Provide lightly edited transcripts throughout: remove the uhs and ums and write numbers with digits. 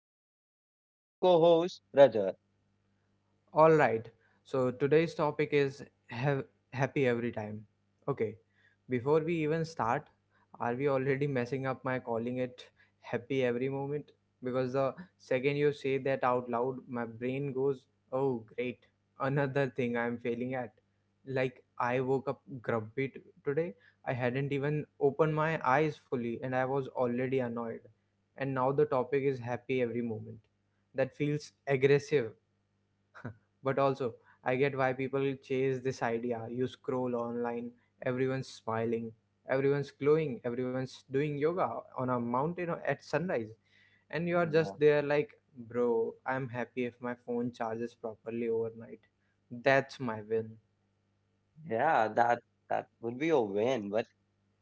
And this is your co-host Rajat. All right. So today's topic is have happy every time. Okay. Before we even start, are we already messing up my calling it happy every moment? Because the second you say that out loud, my brain goes, "Oh, great. Another thing I'm failing at." Like I woke up grumpy t- today. I hadn't even opened my eyes fully and I was already annoyed. And now the topic is happy every moment. That feels aggressive but also, I get why people chase this idea. You scroll online, everyone's smiling, everyone's glowing, everyone's doing yoga on a mountain at sunrise. And you are Mhm. just there like, bro, I'm happy if my phone charges properly overnight. That's my win. Yeah, that would be a win, but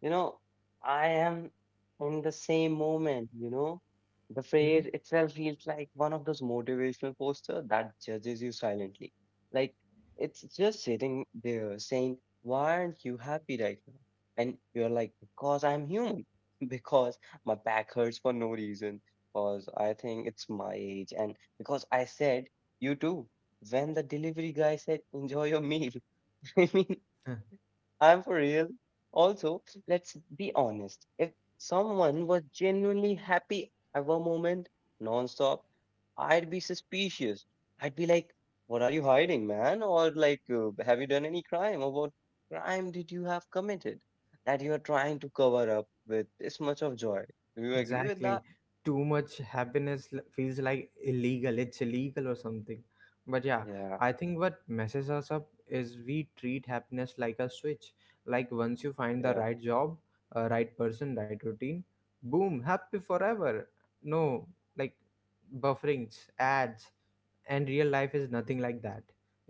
You know, I am in the same moment. The Hmm? phrase itself feels like one of those motivational posters that judges you silently. Like it's just sitting there saying, why aren't you happy right now? And you're like, because I'm human, because my back hurts for no reason, because I think it's my age, and because I said, you too, when the delivery guy said, enjoy your meal. I mean, I'm for real. Also, let's be honest. If someone was genuinely happy ever moment, nonstop, I'd be suspicious. I'd be like, "What are you hiding, man?" Or like, "Have you done any crime? Or what crime did you have committed that you are trying to cover up with this much of joy?" Do you agree with Exactly. that? Too much feels like illegal. It's illegal or something. But yeah, Yeah, I think what messes us up is we treat happiness like a switch. Like once you yeah. find the right job, right person, right routine, boom, happy forever. No, like bufferings, ads, and real life is nothing like that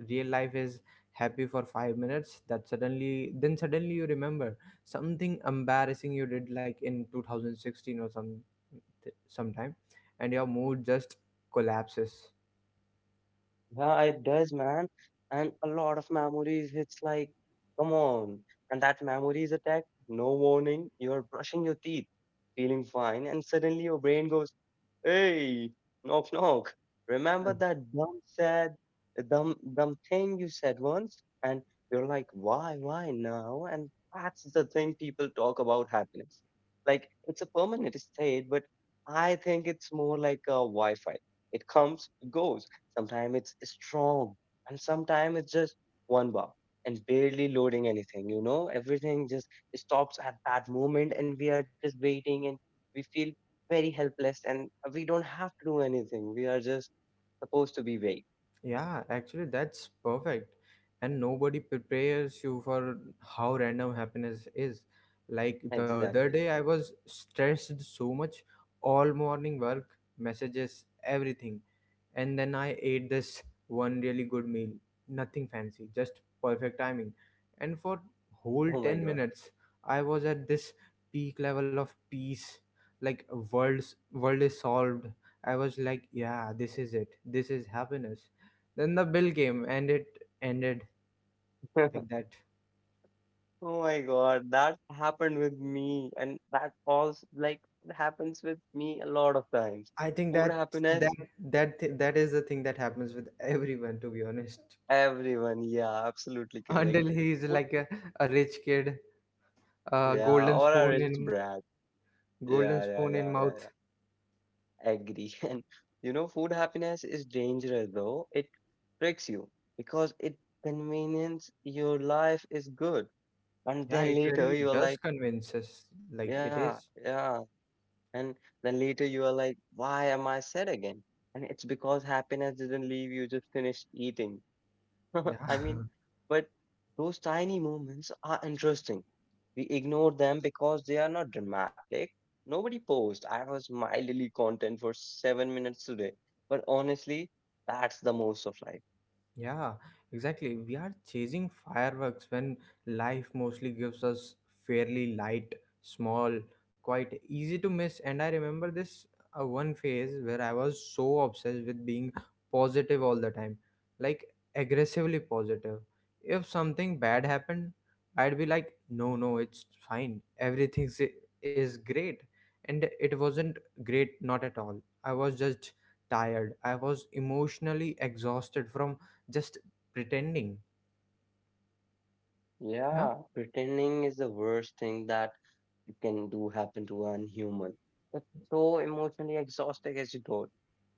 real life is happy for 5 minutes that suddenly you remember something embarrassing you did like in 2016 or sometime and your mood just collapses. Yeah, it does, man. And a lot of memories, it's like, come on. And that memory is attack, no warning. You're brushing your teeth, feeling fine, and suddenly your brain goes, hey, knock, knock. Hmm. Remember that dumb sad, dumb thing you said once? And you're like, why now? And that's the thing people talk about happiness. Like, it's a permanent state, but I think it's more like a Wi Fi. It comes, it goes. Sometimes it's strong, and sometimes it's just one bar and barely loading anything. You know, everything just stops at that moment, and we are just waiting, and we feel very helpless, and we don't have to do anything. We are just supposed to be wait. Yeah, actually that's perfect and nobody prepares you for how random happiness is. Like the other Exactly. day I was stressed so much all morning, work messages, everything. And then I ate this one really good meal. Nothing fancy, just perfect timing. And for whole Oh my 10 god. minutes, I was at this peak level of peace. Like world is solved. I was like, yeah, this is it. This is happiness. Then the bill came and it ended like that. Oh my God, that happened with me, and that also like happens with me a lot of times. I think Food happiness, that that that is the thing that happens with everyone, to be honest. everyone. Yeah, absolutely correct. Until he's Food, like a rich kid, a yeah, or a rich brat. golden Yeah, yeah, spoon in yeah, mouth. yeah, yeah. Agree. And you know, food happiness is dangerous though. It tricks you because it convenience your life is good. And Yeah, then it later really you are does like, convince us like it yeah, is. yeah. And then later you are like, why am I sad again? And it's because happiness didn't leave you just finished eating. Yeah. I mean, but those tiny moments are interesting. We ignore them because they are not dramatic. Nobody posed. I was mildly content for 7 minutes today. But honestly, that's the most of life. Yeah, exactly. We are chasing fireworks when life mostly gives us fairly light, small, quite easy to miss. And I remember this one phase where I was so obsessed with being positive all the time, like aggressively positive. If something bad happened, I'd be like, no, no, it's fine. Everything is great. And it wasn't great, not at all. I was just tired. I was emotionally exhausted from just pretending. Huh? Yeah, pretending is the worst thing that it can do happen to an human. It's so emotionally exhausting as you thought.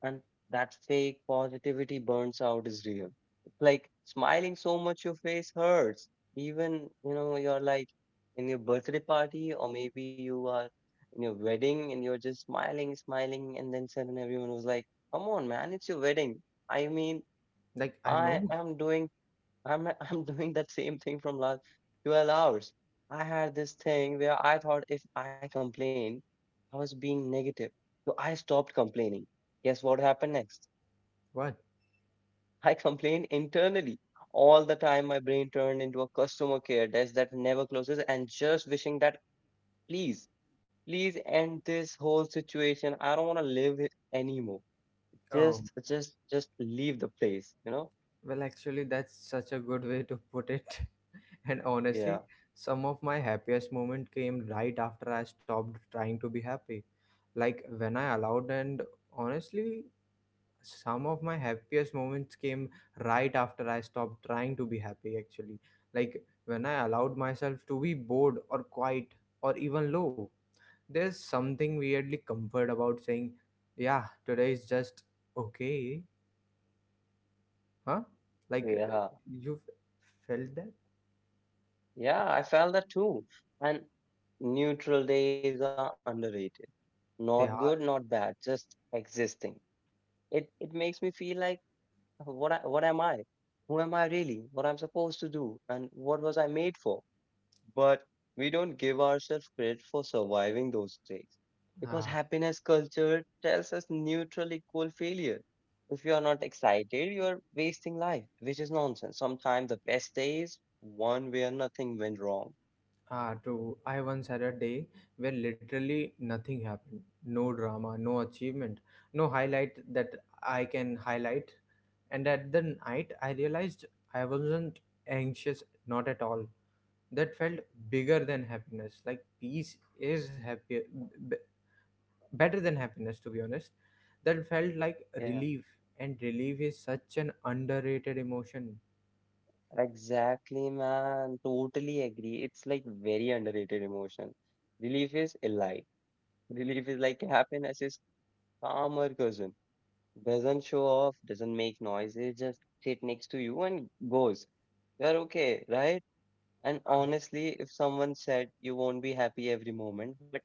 And that fake positivity burns out is real. It's like smiling so much your face hurts. Even, you know, you're like in your birthday party or maybe you are in your wedding and you're just smiling, and then suddenly everyone was like, come on, man, it's your wedding. I mean, Like I I know. am doing I'm I'm doing that same thing from last 12 hours. I had this thing where I thought if I complained, I was being negative. So I stopped complaining. Guess what happened next? What. I complained internally. All the time my brain turned into a customer care desk that never closes and just wishing that please, please end this whole situation. I don't want to live it anymore. Oh, Just leave the place, you know? well, actually, that's such a good way to put it. And Yeah. honestly, some of my happiest moment came right after I stopped trying to be happy. Like when I allowed, and honestly, some of my happiest moments came right after I stopped trying to be happy. Actually, like when I allowed myself to be bored or quiet or even low. There's something weirdly comfort about saying, yeah, today is just okay. Huh? Like, Yeah. you felt that? Yeah, I felt that too. And neutral days are underrated. Not good, They are. not bad, just existing. It makes me feel like what am I? Who am I really? What I'm supposed to do? And what was I made for? But we don't give ourselves credit for surviving those days. Because Ah, happiness culture tells us neutral equal failure. If you are not excited, you are wasting life, which is nonsense. Sometimes the best days, one where nothing went wrong. ah, true. I once had a day where literally nothing happened. No drama, no achievement, no highlight that I can highlight. And at the night, I realized I wasn't anxious, not at all. That felt bigger than happiness. Like peace is happier, better than happiness, to be honest. That felt like Yeah. relief, and relief is such an underrated emotion. Exactly, man. Totally agree. It's like very underrated emotion. Relief is elite. Relief is like happiness is calmer cousin. Doesn't show off, doesn't make noise. It just sit next to you and goes. You're okay, right? And honestly, if someone said you won't be happy every moment, but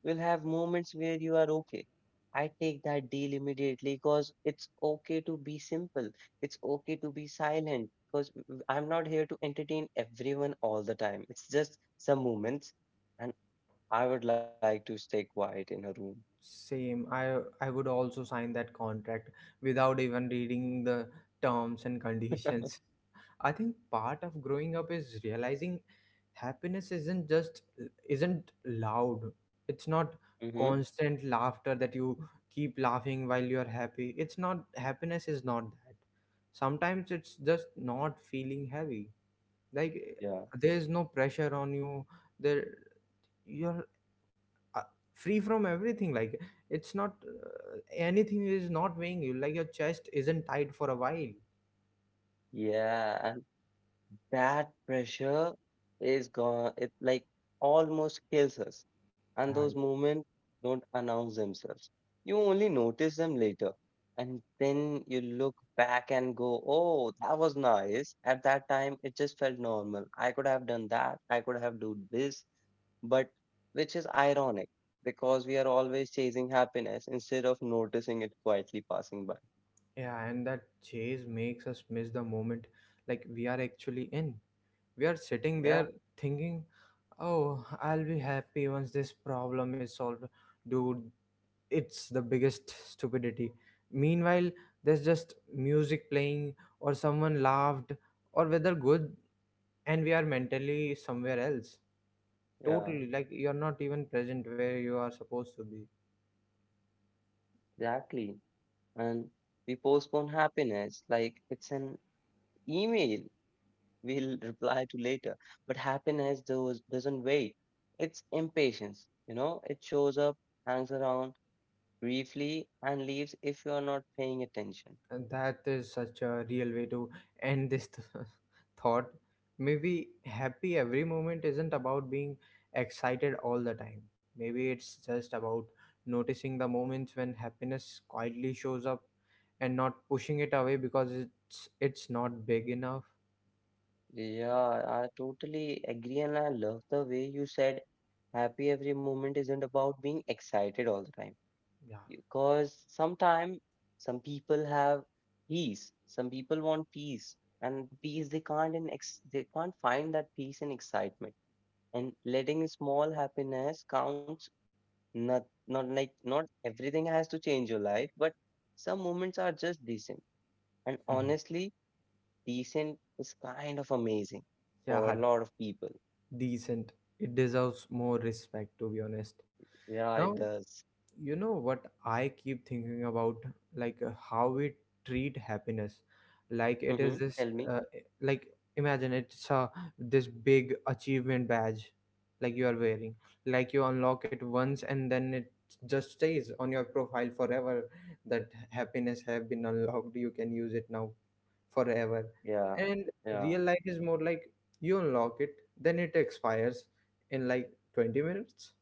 you'll have moments where you are okay. I take that deal immediately because it's okay to be simple. It's okay to be silent because I'm not here to entertain everyone all the time. It's just some moments, and I would like to stay quiet in a room. Same, I would also sign that contract without even reading the terms and conditions. I think part of growing up is realizing happiness isn't just isn't loud. It's not Mm-hmm. constant laughter that you keep laughing while you're happy. It's not happiness is not that Sometimes it's just not feeling heavy, like Yeah. there's no pressure on you. There you're uh, free from everything. Like it's not anything is not weighing you, like your chest isn't tight for a while. Yeah, that pressure is gone, it like almost kills us, Yeah, and I those guess. moments don't announce themselves. You only notice them later, and then you look back and go, oh, that was nice. At that time it just felt normal. I could have done that, I could have done this, but which is ironic, because we are always chasing happiness instead of noticing it quietly passing by. Yeah, and that chase makes us miss the moment. Like we are actually in, we are sitting Yeah. there thinking, oh, I'll be happy once this problem is solved. Dude, it's the biggest stupidity. Meanwhile, there's just music playing, or someone laughed, or whether good, and we are mentally somewhere else. Yeah, Totally, like you're not even present where you are supposed to be. exactly. And we postpone happiness like it's an email we'll reply to later. But happiness doesn't wait. It's impatience, you know, it shows up, hangs around briefly, and leaves if you are not paying attention. And that is such a real way to end thought. Maybe happy every moment isn't about being excited all the time. Maybe it's just about noticing the moments when happiness quietly shows up and not pushing it away because it's not big enough. Yeah, I totally agree, and I love the way you said happy every moment isn't about being excited all the time, Yeah. because sometimes some people have peace, some people want peace, and peace they can't in ex- they can't find that peace in excitement. And letting small happiness counts, not like not everything has to change your life, but some moments are just decent, and honestly decent is kind of amazing Yeah, for a lot of people. decent. It deserves more respect, to be honest. Yeah, Now, it does. you know what I keep thinking about, like how we treat happiness like it is Mm-hmm. this Tell me. Like imagine it's a this big achievement badge, like you are wearing, like you unlock it once and then it just stays on your profile forever. That happiness have been unlocked, you can use it now forever. Yeah. And real Yeah. life is more like you unlock it, then it expires in like 20 minutes.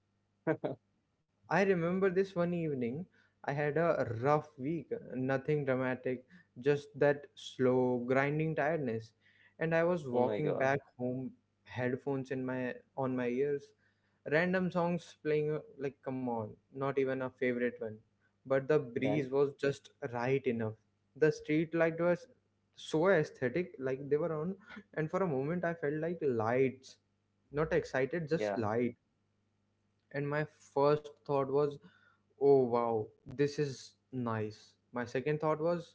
I remember this one evening. I had a rough week, nothing dramatic, just that slow, grinding tiredness. And I was Oh my walking god. back home, headphones in my on my ears, random songs playing. Like, come on, not even a favorite one. But the breeze Ben. was just right enough. The street light was so aesthetic, like they were on. And for a moment, I felt like lights, not excited, Yeah, just lights. And my first thought was, oh wow, this is nice. My second thought was,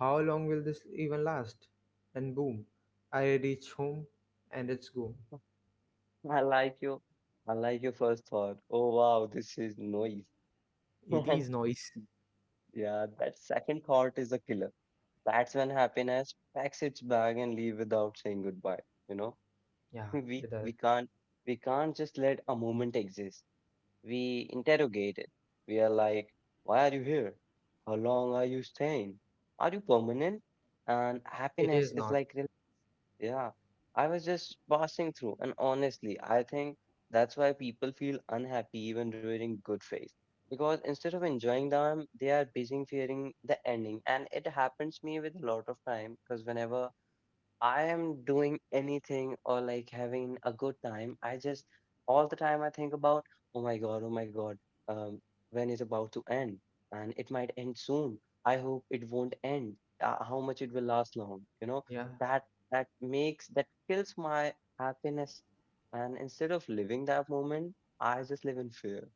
how long will this even last? And boom, I reach home and it's gone. I like you. I like your first thought. Oh wow, this is noise. It is And noise. yeah, that second thought is a killer. That's when happiness packs its bag and leave without saying goodbye. You know, Yeah, we it does. we can't, we can't just let a moment exist. We interrogate it. We are like, why are you here? How long are you staying? Are you permanent? And It happiness is is not. like, yeah, I was just passing through, and honestly, I think that's why people feel unhappy even during good phase. Because instead of enjoying them, they are busy fearing the ending. And it happens me with a lot of time, because whenever I am doing anything or like having a good time, I just all the time I think about, oh my God, um, when it's about to end, and it might end soon. I hope it won't end. How much it will last long, you know? Yeah. That that makes, that kills my happiness. And instead of living that moment, I just live in fear.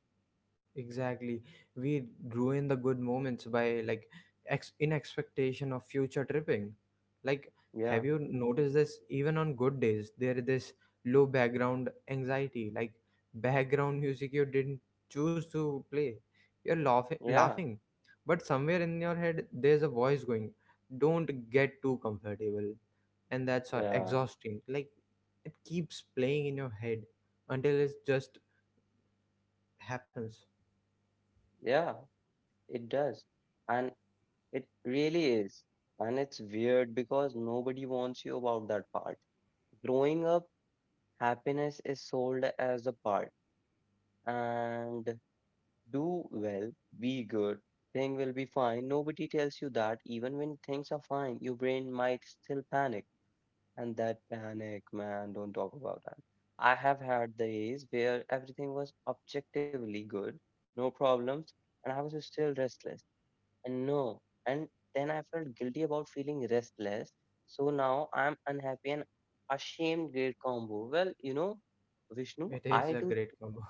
Exactly. We ruin the good moments by like in expectation of future tripping. Like, Yeah, have you noticed this? Even on good days, there is this low background anxiety, like background music you didn't choose to play. You're laughing, yeah, laughing, but somewhere in your head, there's a voice going, "Don't get too comfortable," and that's yeah, exhausting. Like, it keeps playing in your head until it just happens. yeah, it does. And it really is. And it's weird because nobody warns you about that part. Growing up, happiness is sold as a part, and do well, be good, thing will be fine. Nobody tells you that even when things are fine, your brain might still panic. And that panic, man, don't talk about that. I have had days where everything was objectively good, no problems, and I was still restless. And no. And then I felt guilty about feeling restless. So now I'm unhappy and ashamed. Great combo. Well, you know, Vishnu, It is I a do, great combo.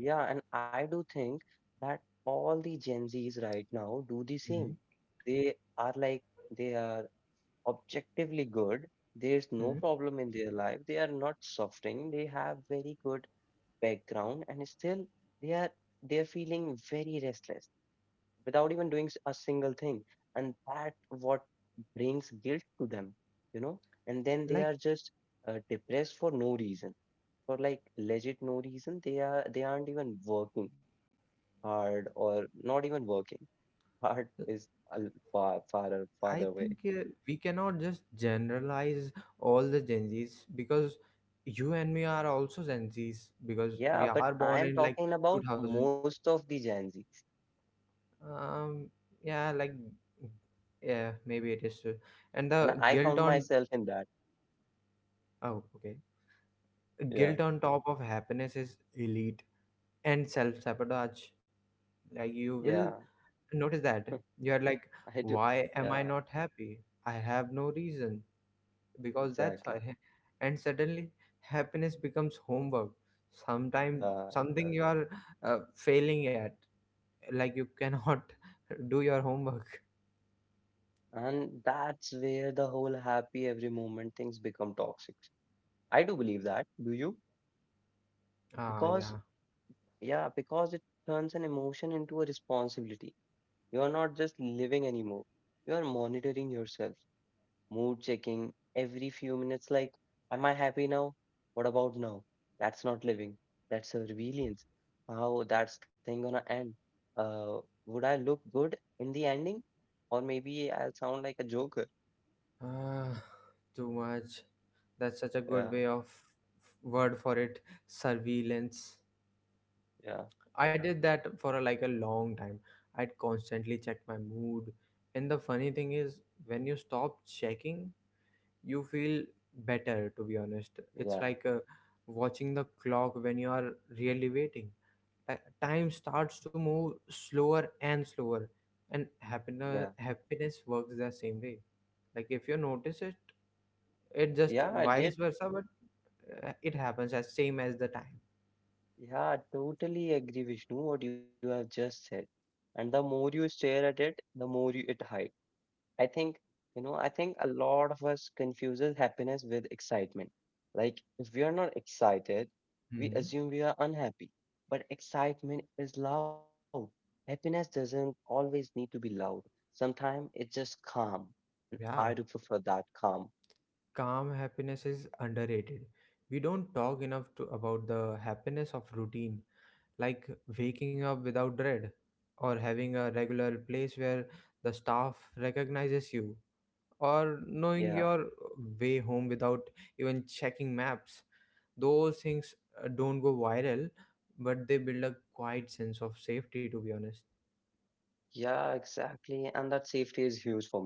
yeah, and I do think that all the Gen Zs right now do the Mhm. same. They are like, they are objectively good. There's no Mhm. problem in their life. They are not suffering. They have very good background, and still they're feeling very restless without even doing a single thing, and that what brings guilt to them, you know, and then they are Like, just depressed for no reason, for like legit no reason. They are they aren't even working hard, or not even working hard uh, is a far farther I away. think we cannot just generalize all the Gen Zs because you and me are also Gen Zs because Yeah, we but are I born am in like talking about 2000. most of the Gen Z's, Um, yeah, like, yeah, maybe it is true. And and the I guilt count on, myself in that. oh, okay, Yeah. guilt on top of happiness is elite and self sabotage. Like, you will Yeah. notice that you're like, I do. why am I Yeah, not happy? I have no reason because that's exactly. why. And suddenly happiness becomes homework, sometimes Yeah, it something does. you are failing at. Like you cannot do your homework. And that's where the whole happy every moment things become toxic. I do believe that. Do you? Ah, Because, yeah. yeah, because it turns an emotion into a responsibility. You are not just living anymore. You are monitoring yourself, mood checking every few minutes. Like, am I happy now? What about now? That's not living. That's surveillance. How that's thing gonna end? Uh, would I look good in the ending? Or maybe I'll sound like a joker. Ah, too much. That's such a good Yeah, way of word for it, surveillance. yeah, I did that for a, like a long time. I'd constantly check my mood, and the funny thing is when you stop checking, you feel better, to be honest. It's yeah. like watching the clock when you are really waiting. Time starts to move slower and slower, and Yeah, happiness works the same way. Like if you notice it, it yeah, just I vice did. versa. But it happens as same as the time. Yeah, I totally agree, Vishnu, what you have just said. And the more you stare at it, it hides. I think, you know, I think a lot of us confuses happiness with excitement. Like, if we are not excited, we Hmm. assume we are unhappy. But excitement is loud. Happiness doesn't always need to be loud. Sometimes it's just calm. And I Yeah, do prefer that calm. calm happiness is underrated. We don't talk enough to about the happiness of routine, like waking up without dread, or having a regular place where the staff recognizes you, or knowing Yeah, your way home without even checking maps. Those things don't go viral, but they build a quiet sense of safety, to be honest. yeah, exactly. And that safety is huge for me.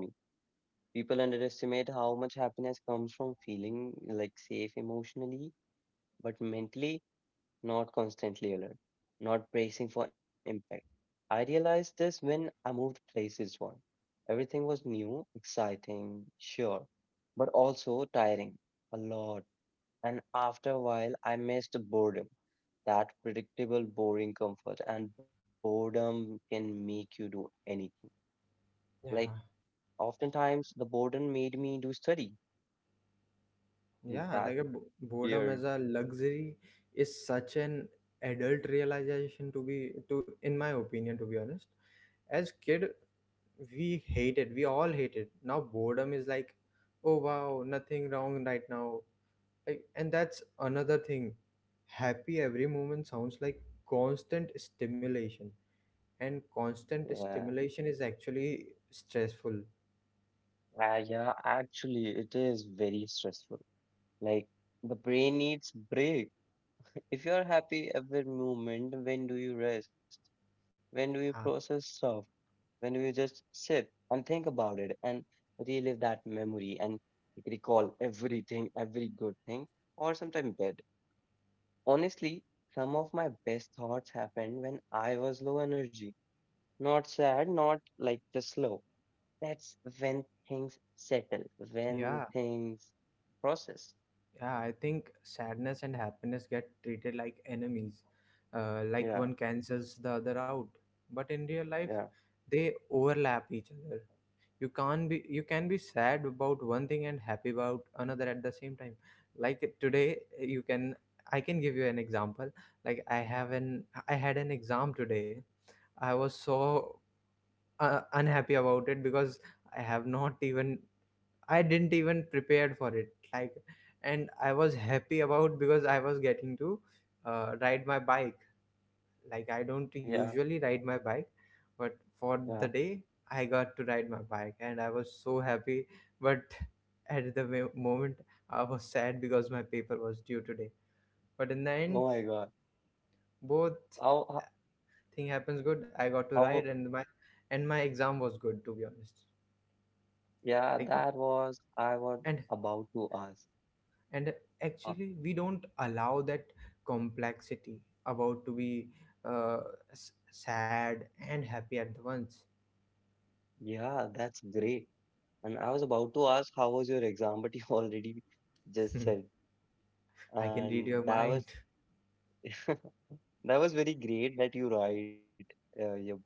People underestimate how much happiness comes from feeling like safe emotionally, but mentally not constantly alert, not bracing for impact. I realized this when I moved places once. Everything was new, exciting, sure, but also tiring a lot. And after a while, I missed the boredom, that predictable, boring comfort. And boredom can make you do anything. Like, Yeah, oftentimes, the boredom made me do study. yeah, That's like a boredom weird. as a luxury is such an adult realization to in my opinion, to be honest. As kid, we all hated, now boredom is like, oh wow, nothing wrong right now. Like, and that's another thing. Happy every moment sounds like constant stimulation, and constant Yeah. stimulation is actually stressful. Yeah, actually, it is very stressful. Like, the brain needs break. If you're happy every moment, when do you rest? When do you Yeah, process stuff? When do you just sit and think about it and relive that memory and recall everything, every good thing, or sometimes bad? Honestly, some of my best thoughts happened when I was low energy. Not sad, not like just slow. That's when things settle, when yeah. things process. Yeah, I think sadness and happiness get treated like enemies, like Yeah, one cancels the other out. But in real life, yeah, they overlap each other. You can't be you can be sad about one thing and happy about another at the same time. Like today, you can, I can give you an example. Like I had an exam today. I was so unhappy about it because I have not even I didn't even prepared for it. Like, and I was happy about because I was getting to ride my bike. Like, I don't yeah, usually ride my bike, but yeah. for the day, I got to ride my bike, and I was so happy. But at the moment, I was sad because my paper was due today. But in the end, Oh my God. both How, how, thing happens good. I how- got to ride, and my exam was good, to be honest. yeah, Like, that was, I was and about to ask. and Uh, actually we don't allow that complexity, about to be uh, sad and happy at once. yeah, that's great. And I was about to ask, how was your exam? But you already just Hmm, said. I can read And your that mind. was, that was very great that you write your bye.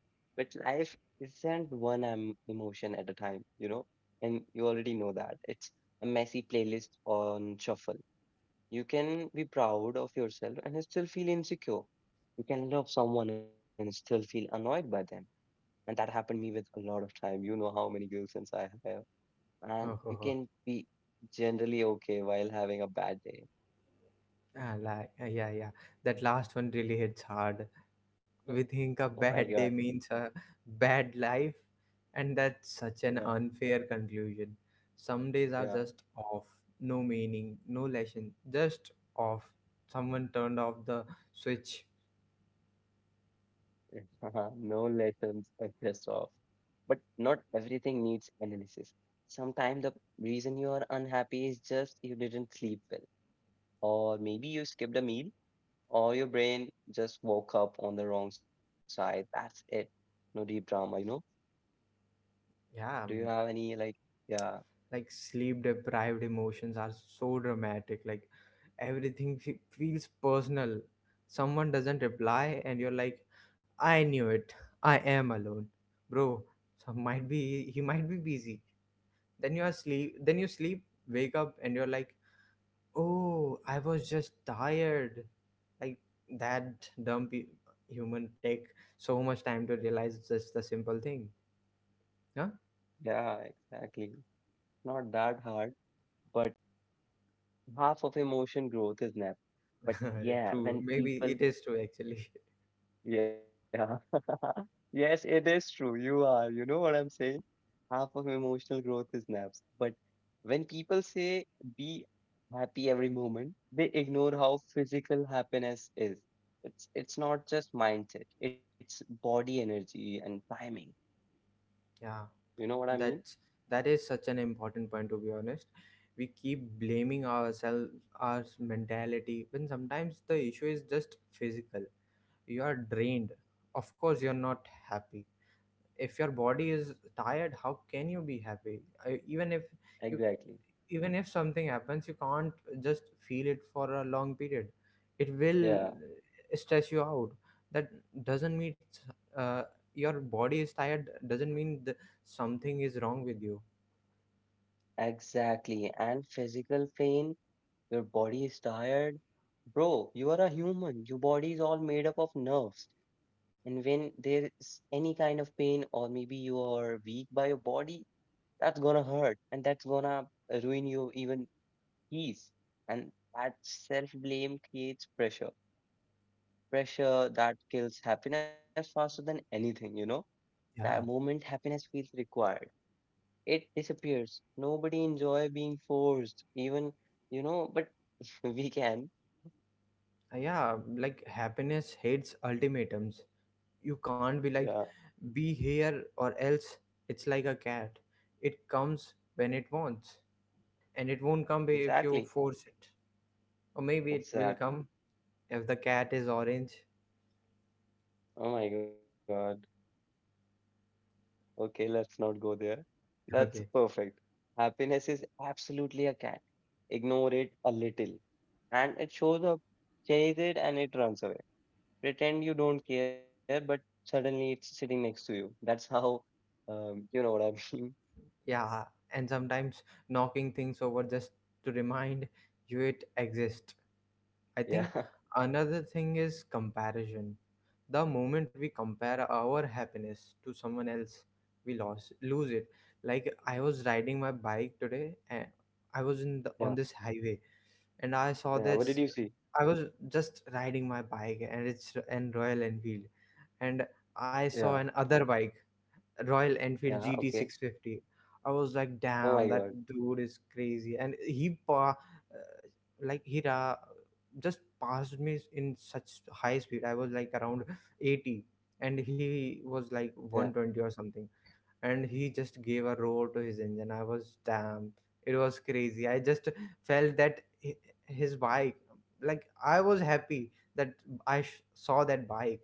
But life isn't one emotion at a time, you know, and you already know that. It's a messy playlist on shuffle. You can be proud of yourself and still feel insecure. You can love someone and still feel annoyed by them. And that happened me with a lot of time. You know how many girlfriends I have. And Oh, oh, you oh. can be generally okay while having a bad day. Like, yeah, yeah, that last one really hits hard. We Oh think a my God. bad day means a bad life, and that's such an Yeah. unfair conclusion. Some days are just Yeah. off, no meaning, no lesson, just off. Someone turned off the switch. No lessons, a piss off. But not everything needs analysis. Sometimes the reason you are unhappy is just you didn't sleep well, or maybe you skipped a meal, or your brain just woke up on the wrong side. That's it. No deep drama, you know? Do you Yeah, have any, yeah, like sleep deprived emotions are so dramatic. Like everything feels personal. Someone doesn't reply and you're like, I knew it, I am alone, bro. So might be he might be busy. Then you are sleep then you sleep, wake up, and you're like, oh, I was just tired. Like, that dumb human take so much time to realize just the simple thing. Huh. yeah, exactly. Not that hard, but half of emotion growth is nap. But yeah, True, when maybe people. it is true, actually. Yeah. Yes, it is true. You are. You know what I'm saying? Half of emotional growth is naps. But when people say be happy every moment, they ignore how physical happiness is. It's not just mindset, it's body energy and timing. Yeah. You know what I mean? That's that is such an important point, to be honest. We keep blaming ourselves, our mentality, when sometimes the issue is just physical. You are drained. Of course, you're not happy. If your body is tired, how can you be happy? You, Exactly. Even if something happens, you can't just feel it for a long period. It will Yeah. stress you out. That doesn't mean, uh, your body is tired doesn't mean something is wrong with you. Exactly. And physical pain. Your body is tired. Bro, you are a human. Your body is all made up of nerves. And when there is any kind of pain, or maybe you are weak by your body, that's gonna hurt and that's gonna ruin you even peace. And that self blame creates pressure. Pressure that kills happiness faster than anything, you know? That Yeah, moment happiness feels required. It disappears. Nobody enjoy being forced, even, you know, but we can. Yeah, like happiness hates ultimatums. You Yeah. can't be like, be here or else. It's like a cat. It comes when it wants, and it won't come if Exactly, you force it. Or maybe it will exactly. come if the cat is orange. Oh my God. Okay, let's not go there. That's Okay. perfect. Happiness is absolutely a cat. Ignore it a little, and it shows up, chase it, and it runs away. Pretend you don't care, but suddenly it's sitting next to you. That's how, you know what I mean? Yeah, and sometimes knocking things over just to remind you it exists. I Yeah, think another thing is comparison. The moment we compare our happiness to someone else, we lost lose it. Like I was riding my bike today, and I was yeah, on this highway, and I yeah. saw What did you this. see? I was just riding my bike, and it's an Royal Enfield, and Yeah, I saw an other bike, Royal yeah. Enfield Okay. GT650. I was like, Oh my damn, God. that dude is crazy. And he, like, he just passed me in such high speed. I was like around 80, and he Yeah. was like 120 or something. And he just gave a roar to his engine. I was, damn, it was crazy. I just felt that his bike, like, I was happy that I saw that bike.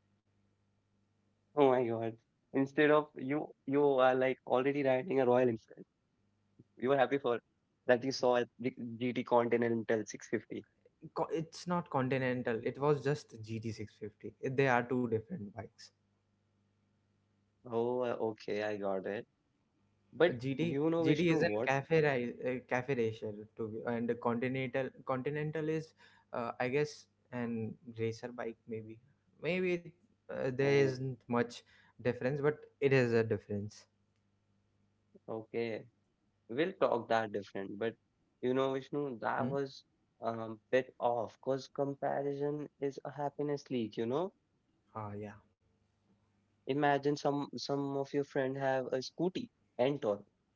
Oh my God. Instead of you, you are like already riding a royal insect. You were happy for that you saw a GT Continental 650. It's not continental, it was just GT650. They are two different bikes. Oh, okay, I got it. But Uh, you gt know, GT Vishnu, is a what? cafe cafe racer, to be, and the continental is, I guess, an racer bike, maybe Oh, there isn't much difference, but it is a difference. okay. We'll talk that different. But you know, Vishnu, that Hmm? was bit off because comparison is a happiness leak, you know? Ah, yeah, Imagine some of your friend have a scooty, Ntorq,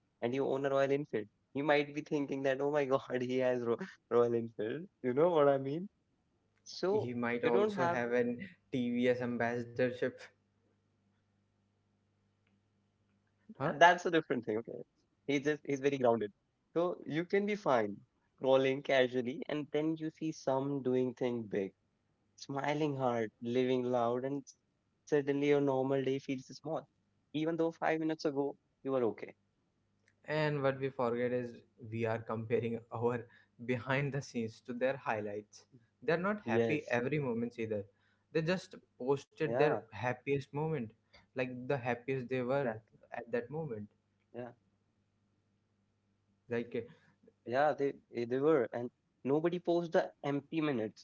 and you own a Royal Enfield. He might be thinking that, oh my God, he has Ro Royal Enfield. You know what I mean? So he might you don't also have have an TVS ambassadorship. Huh. that's a different thing, okay? He's very grounded. So you can be fine scrolling casually and then you see some doing thing big, smiling hard, living loud, and suddenly your normal day feels small. Even though 5 minutes ago you were okay. And what we forget is we are comparing our behind the scenes to their highlights. They're not happy Yes, every moment either. They just yeah, posted their happiest moment, like the happiest they exactly. were at that moment. Yeah. Like, Yeah, they eh, they were and nobody posts the empty minutes.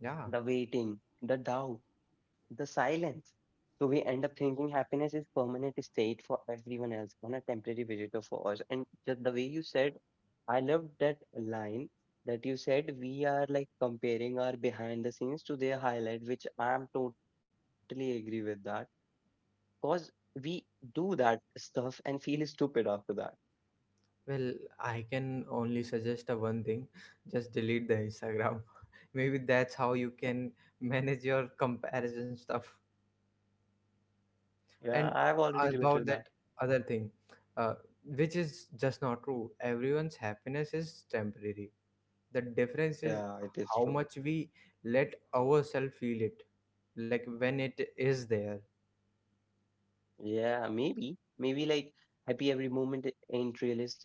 yeah, The waiting, the doubt, the silence. So we end up thinking happiness is permanent state for everyone else, and a temporary visitor for us. And just the way you said, I loved that line that you said we are like comparing our behind the scenes to their highlight, which I'm totally agree with that. Cause we do that stuff and feel stupid after that. well, I can only suggest a one thing. Just delete the Instagram. Maybe that's how you can manage your comparison stuff. Yeah, I've already And related that. about that other thing, uh, which is just not true, everyone's happiness is temporary. The difference Yeah, is it is true. how much we let ourselves feel it, like when it is there. Yeah, maybe, maybe like happy every moment ain't realistic.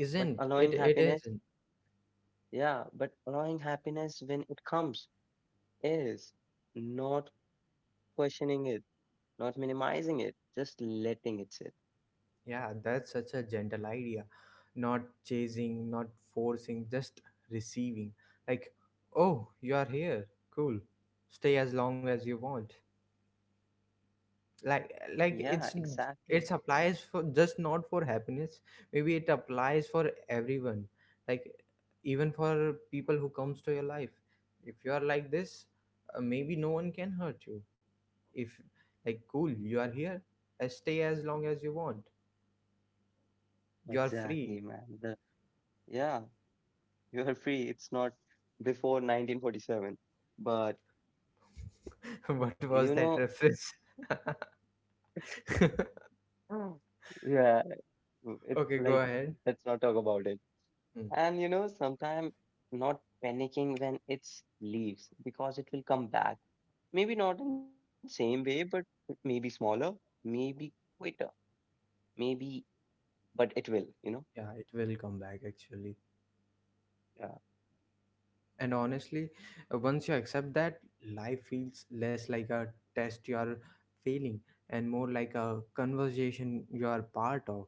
But allowing it? It happiness, isn't. yeah, but allowing happiness when it comes is not questioning it, not minimizing it, just letting it sit. Yeah, that's such a gentle idea. Not chasing, not forcing, just receiving. Like, oh, you are here, cool, stay as long as you want. like Yeah, like exactly. it applies for just not for happiness. Maybe it applies for everyone. Like, even for people who comes to your life, if you are like this, maybe no one can hurt you. If, like, cool, you are here, stay as long as you want. You are Exactly, free. man. The yeah, you are free. It's not before 1947. But you What know, was that reference? Mm. Yeah, it's Okay, go like ahead. let's not talk about it. Hmm. And you know, sometimes not panicking when it's leaves because it will come back. Maybe not in same way, but maybe smaller, maybe quicker, maybe, but it will, you know? Yeah, it will come back, actually. Yeah, And honestly, once you accept that, life feels less like a test you are failing and more like a conversation you are part of.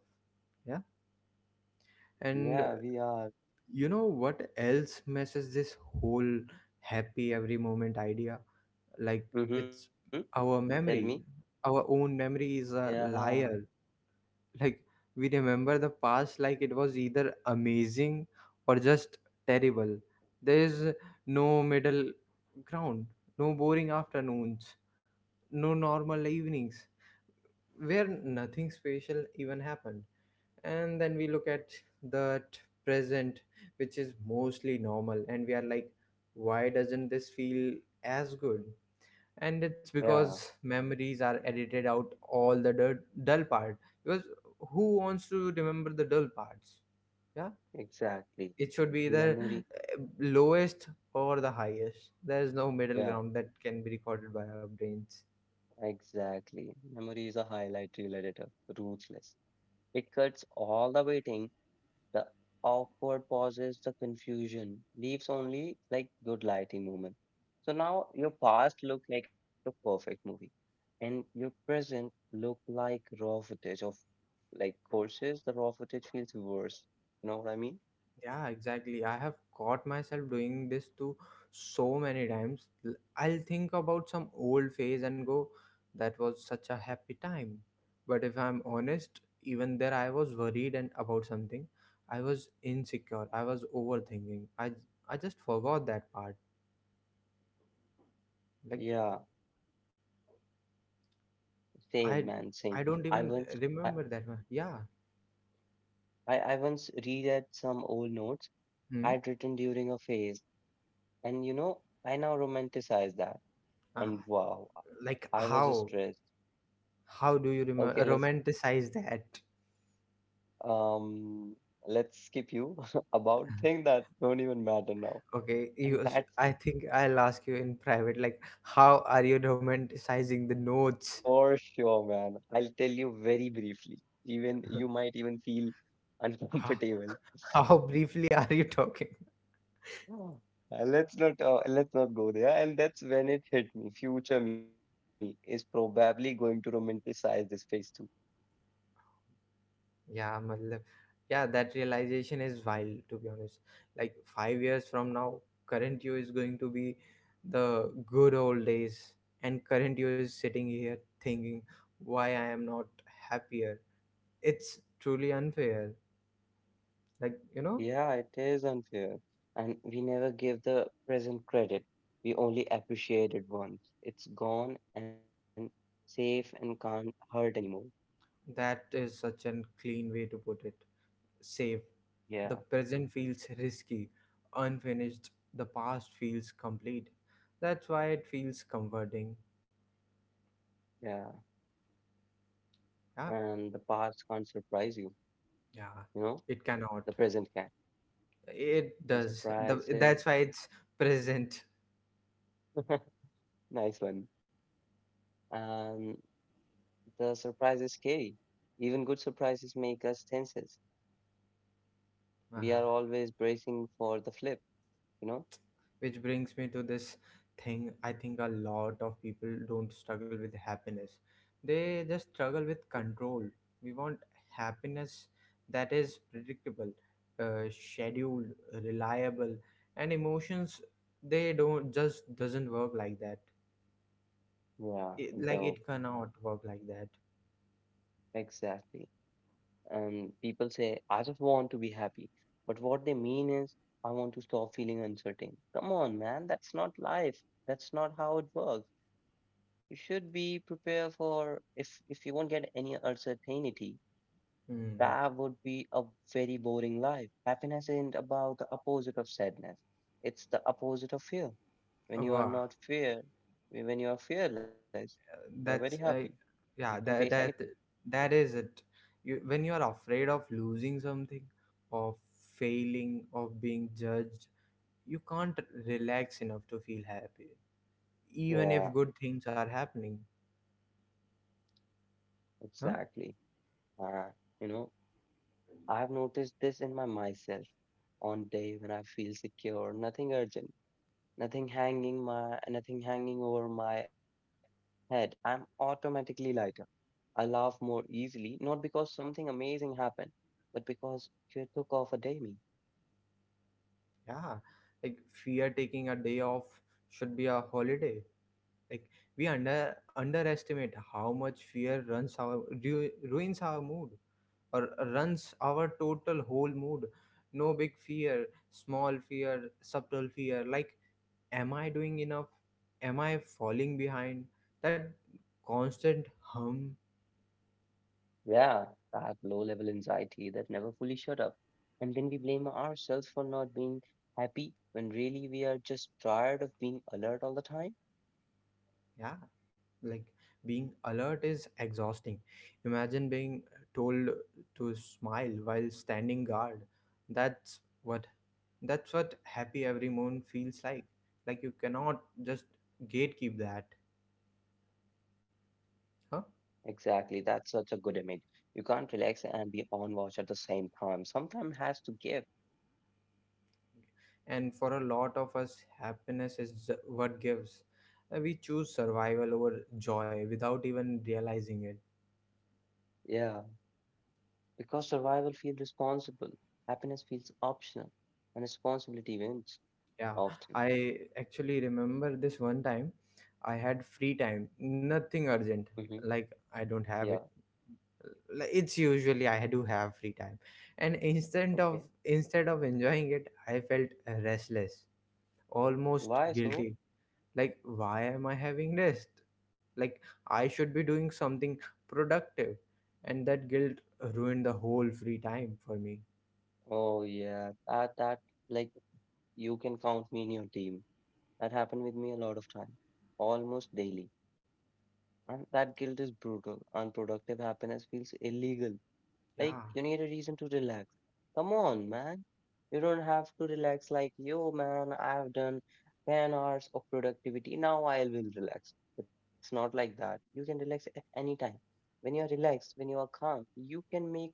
Yeah. And yeah, we are. you know what else messes this whole happy every moment idea? Like, Mm-hmm. it's our Tell me. memory. Our own memory is a Yeah, liar. Like we remember the past like it was either amazing or just terrible. There is no middle ground, no boring afternoons, no normal evenings where nothing special even happened. And then we look at that present, which is mostly normal, and we are like, why doesn't this feel as good? And it's yeah, because memories are edited out all the dull part. Because who wants to remember the dull parts? Yeah. exactly. It should be either Memory. Lowest or the highest. There is no middle Yeah, ground that can be recorded by our brains. exactly. Memory is a highlight reel editor, ruthless. It cuts all the waiting, the awkward pauses, the confusion leaves only like good lighting moment. So now your past looked like a perfect movie, and your present look like raw footage of like courses. The raw footage feels worse. You know what I mean? Yeah, exactly. I have caught myself doing this too so many times. I'll think about some old phase and go, that was such a happy time. But if I'm honest, even there I was worried and about something. I was insecure. I was overthinking. I just forgot that part. Like, Yeah, same man, I same. I I don't once even I, remember that one. Yeah. I once reread some old notes Hmm? I'd written during a phase, and you know, I now romanticize that. Ah, And wow, I like was just how? stressed. How do you Okay, remember romanticize that? Um, let's skip you about things that don't even matter now. Okay, And you, that's I think I'll ask you in private, like, how are you romanticizing the for notes? sure, man. I'll tell you very briefly. Even you might even feel how, uncomfortable. how briefly are you talking? Oh. Let's not go there. And that's when it hit me. Future me is probably going to romanticize this phase too. Yeah, matlab, yeah, that realization is wild, to be honest. Like, 5 years from now, current you is going to be the good old days, and current you is sitting here thinking why I am not happier. It's truly unfair. Like, you know, Yeah, it is unfair. And we never give the present credit. We only appreciate it once. It's gone and safe and can't hurt anymore. that is such a clean way to put it. Safe. Yeah, The present feels risky, unfinished. The past feels complete. That's why it feels comforting. yeah. Yeah, And the past can't surprise you, you yeah. know? It The cannot. present can. It And does. That's surprises, why it's present. nice one. And the surprise is scary. Even good surprises make us tenses. We Uh-huh. are always bracing for the flip, you know? Which brings me to this thing, I think a lot of people don't struggle with happiness. They just struggle with control. We want happiness that is predictable, scheduled, reliable, and emotions, they don't just doesn't work like that. Yeah, no, Like it cannot work like that. exactly. And people say, I just want to be happy. But what they mean is, I want to stop feeling uncertain. Come on, man, that's not life. That's not how it works. You should be prepared for if you won't get any uncertainty, Hmm. that would be a very boring life. Happiness isn't about the opposite of sadness. It's the opposite of fear. When you are Wow. not fear, when you are fearless, you are very That's happy. You can yeah, face that anything. that that is it. You When you are afraid of losing something, of failing, of being judged, you can't relax enough to feel happy, even if Yeah, good things are happening. exactly. Huh. Uh, you know, I've noticed this in my myself on day when I feel secure, nothing urgent, nothing hanging over my head. I'm automatically lighter. I laugh more easily, not because something amazing happened, but because you took off a day me. Yeah, like fear taking a day off should be a holiday. Like we underestimate how much fear runs our, ruins our mood, or runs our total whole mood. No big fear, small fear, subtle fear, like, am I doing enough? Am I falling behind? That constant hum. Yeah, that low level anxiety that never fully shut up. And then we blame ourselves for not being happy when really we are just tired of being alert all the time. Yeah, like being alert is exhausting. Imagine being told to smile while standing guard. That's what that's what happy every moment feels like. Like you cannot just gatekeep that. Huh. Exactly, that's such a good image. You can't relax and be on watch at the same time. Sometime has to give. And for a lot of us happiness is what gives. We choose survival over joy without even realizing it. Yeah, because survival feels responsible. Happiness feels optional, and responsibility wins Yeah, often. I actually remember this one time, I had free time, nothing urgent. Hmm. Like, I don't Yeah. have it. Like, it's usually I do have free time, and instead Okay. of instead of enjoying it I felt restless, almost Why guilty. so? Like, why am I having rest? Like, I should be doing something productive. And that guilt ruined the whole free time for me. Oh yeah, that that like you can count me in your team. That happened with me a lot of time, almost daily. And that guilt is brutal. Unproductive happiness feels illegal. Like, you Yeah, need a reason to relax. Come on, man. You don't have to relax like, yo, man, I've done 10 hours of productivity. Now I will relax. It's not like that. You can relax at any time. When you are relaxed, when you are calm, you can make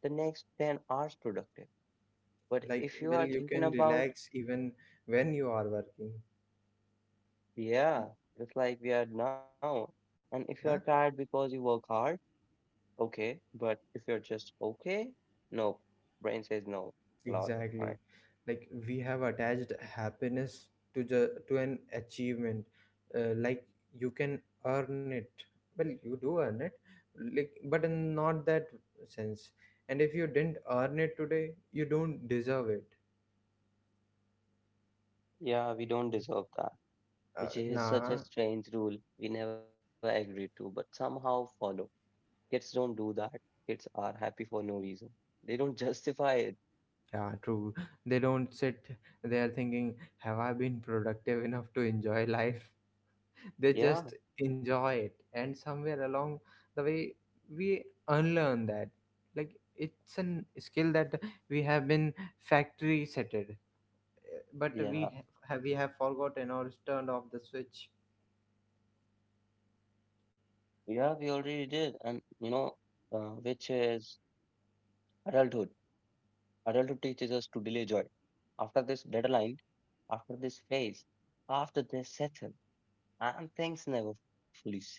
the next 10 hours productive. But like, if you well, are you thinking can about, relax even when you are working. yeah, just like we are now, and if you are Yeah. tired because you work hard, okay. But if you're just okay, no. Brain says no. Lot. Right? Exactly. Like we have attached happiness to an achievement. Like you can earn it. Well, you do earn it. Like, but in not that sense. And if you didn't earn it today, you don't deserve it. Yeah, we don't deserve that, which is such a Nah. strange rule we never agreed to, but somehow follow. Kids don't do that. Kids are happy for no reason. They don't justify it. Yeah, true. They don't sit there thinking, have I been productive enough to enjoy life? They just Yeah, enjoy it, and somewhere along the way we unlearn that. Like it's an skill that we have been factory setted, but yeah, have we have forgotten or turned off the switch. yeah, we already did. And, you know, which is adulthood. Adulthood teaches us to delay joy. After this deadline, after this phase, after they settle, and things never fully settle.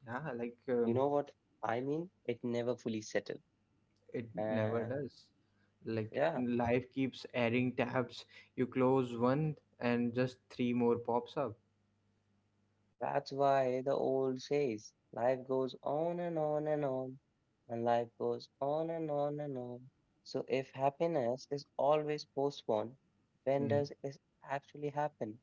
Yeah, like, You know what I mean? It never fully settled. it never And does. Like yeah, life keeps adding tabs, you close one and just three more pops up. that's why the old says life goes on and on and on, and life goes on and on and on. So, if happiness is always postponed, when Mm. does it actually happen?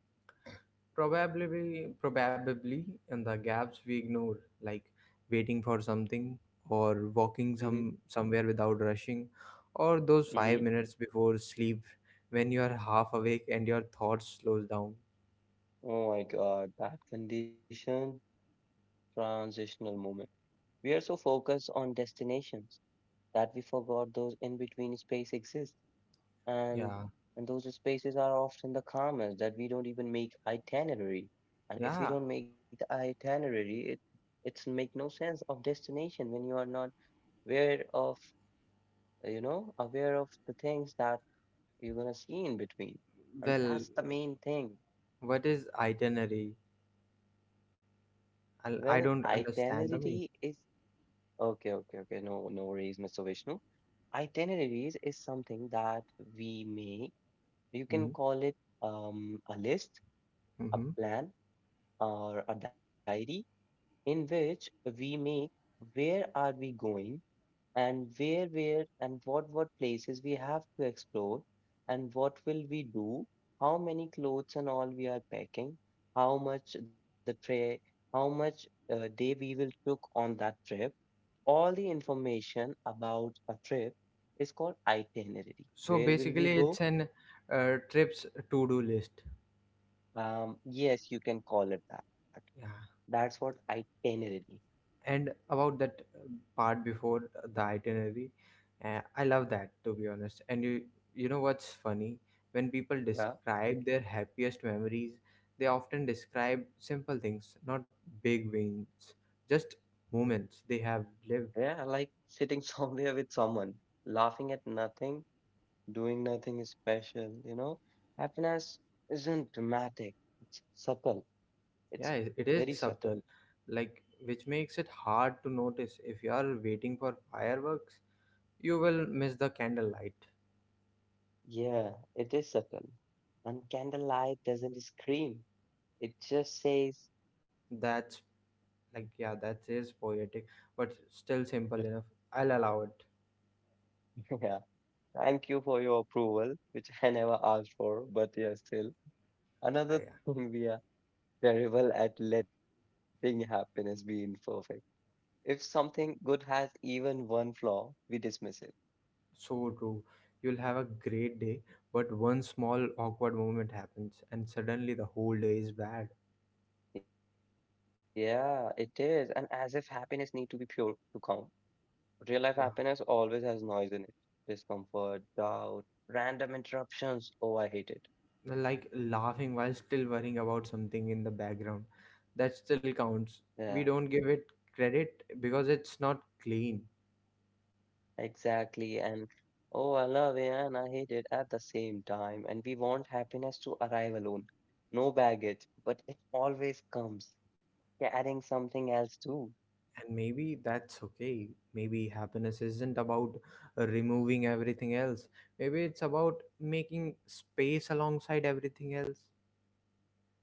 Probably, in the gaps we ignore, like waiting for something or walking Mm-hmm. somewhere without rushing, or those Mm-hmm. 5 minutes before sleep when you are half awake and your thoughts slows down. Oh my God, that condition, transitional moment. We are so focused on destinations that we forgot those in between space exists. and Yeah, and those spaces are often the calmest that we don't even make itinerary. And if we yeah. don't make the itinerary, it it's make no sense of destination when you are not aware of aware of the things that you're gonna see in between, and Well, that's the main thing. what is itinerary? Well, I don't itinerary understand the is meaning. okay, okay, okay, no, no worries, Mr. Vishnu. Itineraries is something that we make. You can Mm-hmm. call it a list, a Mm-hmm. plan, or a diary, in which we make where are we going, and where and what places we have to explore, and what will we do, how many clothes and all we are packing, how much the tray, how much day we will took on that trip. All the information about a trip is called itinerary, So where will we basically, go. it's an trips to do list. Um, yes, you can call it that. Yeah. That's what itinerary. And about that part before the itinerary, I love that, to be honest. And you know what's funny, when people Yeah. describe their happiest memories, they often describe simple things, not big wins, just moments they have lived. Yeah, like sitting somewhere with someone, laughing at nothing, doing nothing special, you know? Happiness isn't dramatic, it's subtle. It's Yeah, very it subtle. is subtle. Like, which makes it hard to notice. If you are waiting for fireworks, you will miss the candlelight. Yeah, it is subtle. And candlelight doesn't scream, it just says, That's, like, yeah, that is poetic but still yeah. simple enough. I'll allow it. Yeah, thank you for your approval, which I never asked for, but yeah, still. Another Yeah, thing we are terrible at letting happiness be imperfect. If something good has even one flaw, we dismiss it. so true. You'll have a great day, but one small awkward moment happens, and suddenly the whole day is bad. Yeah, it is. And as if happiness need to be pure to count. Real life happiness Yeah. always has noise in it. Discomfort, doubt, random interruptions. Oh, I hate it. Well, like laughing while still worrying about something in the background. That still Yeah, counts. We don't give it credit because it's not clean. exactly. And oh, I love it and I hate it at the same time. And we want happiness to arrive alone. No baggage, but it always comes carrying something else too. And maybe that's okay. Maybe happiness isn't about removing everything else. Maybe it's about making space alongside everything else.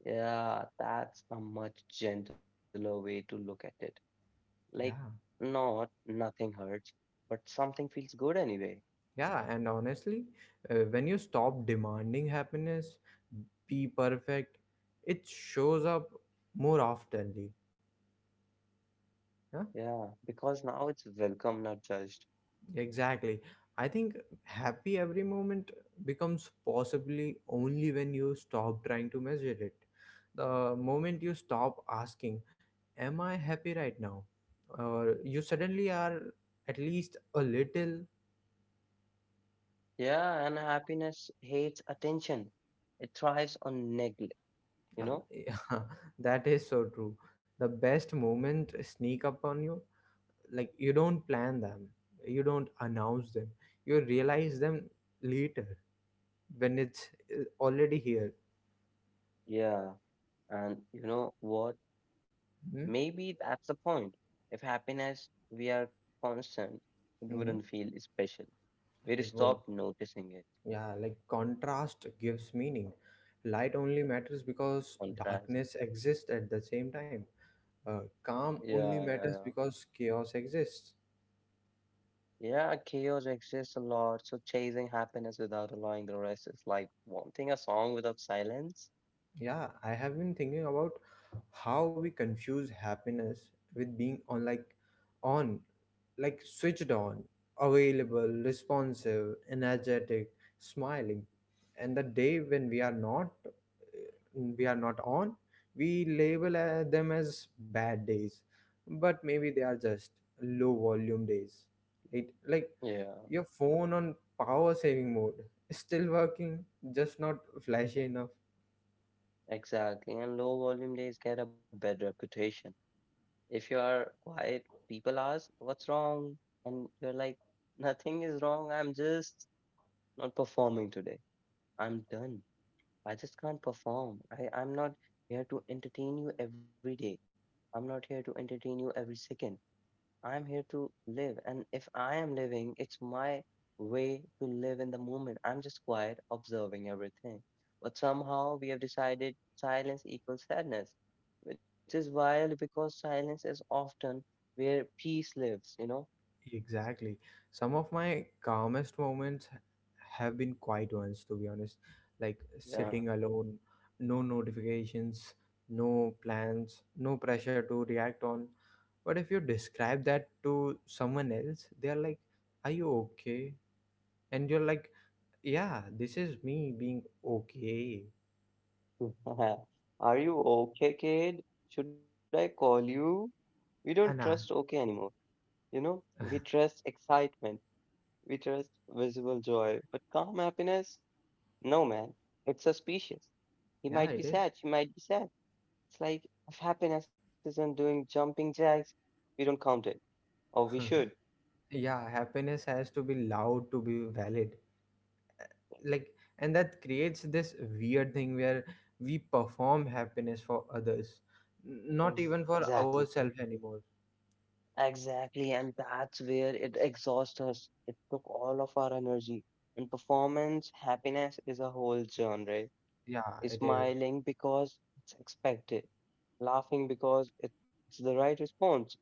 Yeah, that's a much gentler way to look at it. Like, Yeah. not nothing hurts, but something feels good anyway. Yeah, and honestly, when you stop demanding happiness, be perfect, it shows up more oftenly. Yeah, Yeah, because now it's welcome, not judged. exactly. I think happy every moment becomes possibly only when you stop trying to measure it. The moment you stop asking, am I happy right now? Or you suddenly are at least a little. Yeah, and happiness hates attention. It thrives on neglect, you know? yeah, that is so true. The best moment sneak up on you, like you don't plan them, you don't announce them, you realize them later when it's already here. Yeah, and you know what? Hmm. Maybe that's the point. If happiness we are constant, it Hmm. wouldn't feel special. We'd It would, stop noticing it. yeah, like contrast gives meaning. Light only matters because Contrast. darkness exists at the same time. Calm Yeah, yeah, only yeah. matters because chaos exists. Yeah, chaos exists a lot, so chasing happiness without allowing the rest is like wanting a song without silence. Yeah, I have been thinking about how we confuse happiness with being on, like on, like switched on, available, responsive, energetic, smiling. And the day when we are not, we are not on, we label them as bad days, but maybe they are just low volume days. It like Yeah, your phone on power saving mode, still working, just not flashy enough. exactly. And low volume days get a bad reputation. If you are quiet, people ask, "What's wrong?" And you're like, "Nothing is wrong. I'm just not performing today. I'm done. I just can't perform. I, I'm not here to entertain you every day. I'm not here to entertain you every second. I'm here to live." And if I am living, it's my way to live in the moment. I'm just quiet, observing everything. But somehow we have decided silence equals sadness, which is wild because silence is often where peace lives, you know? Exactly. Some of my calmest moments have been quiet ones, to be honest. Like Yeah. sitting alone, no notifications, no plans, no pressure to react on. But if you describe that to someone else, they're like, are you okay? And you're like, yeah, this is me being okay. Are you okay, kid? Should I call you? We don't trust Anna. okay anymore. You know, we trust excitement, we trust visible joy, but calm happiness. No, man, it's suspicious. He Yeah, might be it is. sad, she might be sad. It's like, if happiness isn't doing jumping jacks, we don't count it, or we should. Yeah, happiness has to be loud to be valid. Like, and that creates this weird thing where we perform happiness for others, not even for Exactly, ourselves anymore. exactly, and that's where it exhausts us. It took all of our energy. And performance happiness is a whole genre. Yeah, it is. Smiling because it's expected, laughing because it's the right response,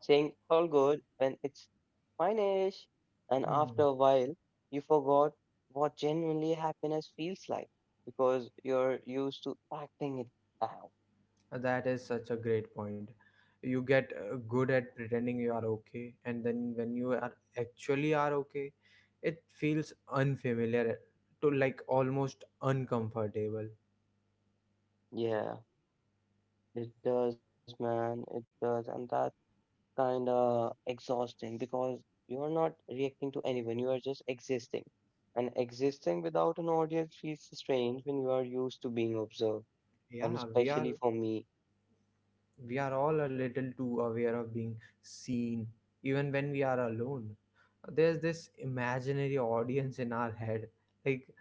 saying all good when it's fine, Ash. And Hmm. after a while, you forgot what genuinely happiness feels like because you're used to acting it out. That is such a great point. You get good at pretending you are okay, and then when you are actually are okay, it feels unfamiliar to, like, almost uncomfortable. Yeah, it does, man. It does. And that's kind of exhausting because you're not reacting to anyone, you are just existing. And existing without an audience feels strange when you are used to being observed. And Yeah, we are, especially for me. we are all a little too aware of being seen, even when we are alone. There's this imaginary audience in our head. Like,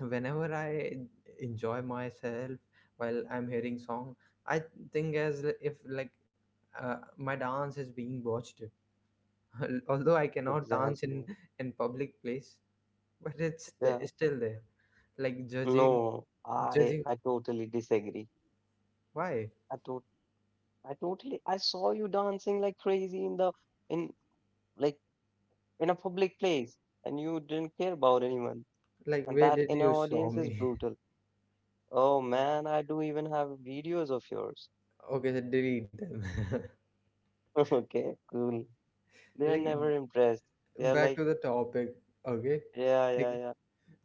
whenever I enjoy myself while I'm hearing song, I think as if like my dance is being watched. Although I cannot Exactly. dance in public place, but it's Yeah. the, still there. Like judging, No, I judging, I totally disagree. why? I thought I totally I saw you dancing like crazy in the in like in a public place, and you didn't care about anyone. Like And where that did in you our saw audience is me? brutal. Oh man, I do even have videos of yours. Okay, then delete them. Okay, cool. They're Like never impressed. They're back to like, the topic, okay. yeah, Like yeah, yeah.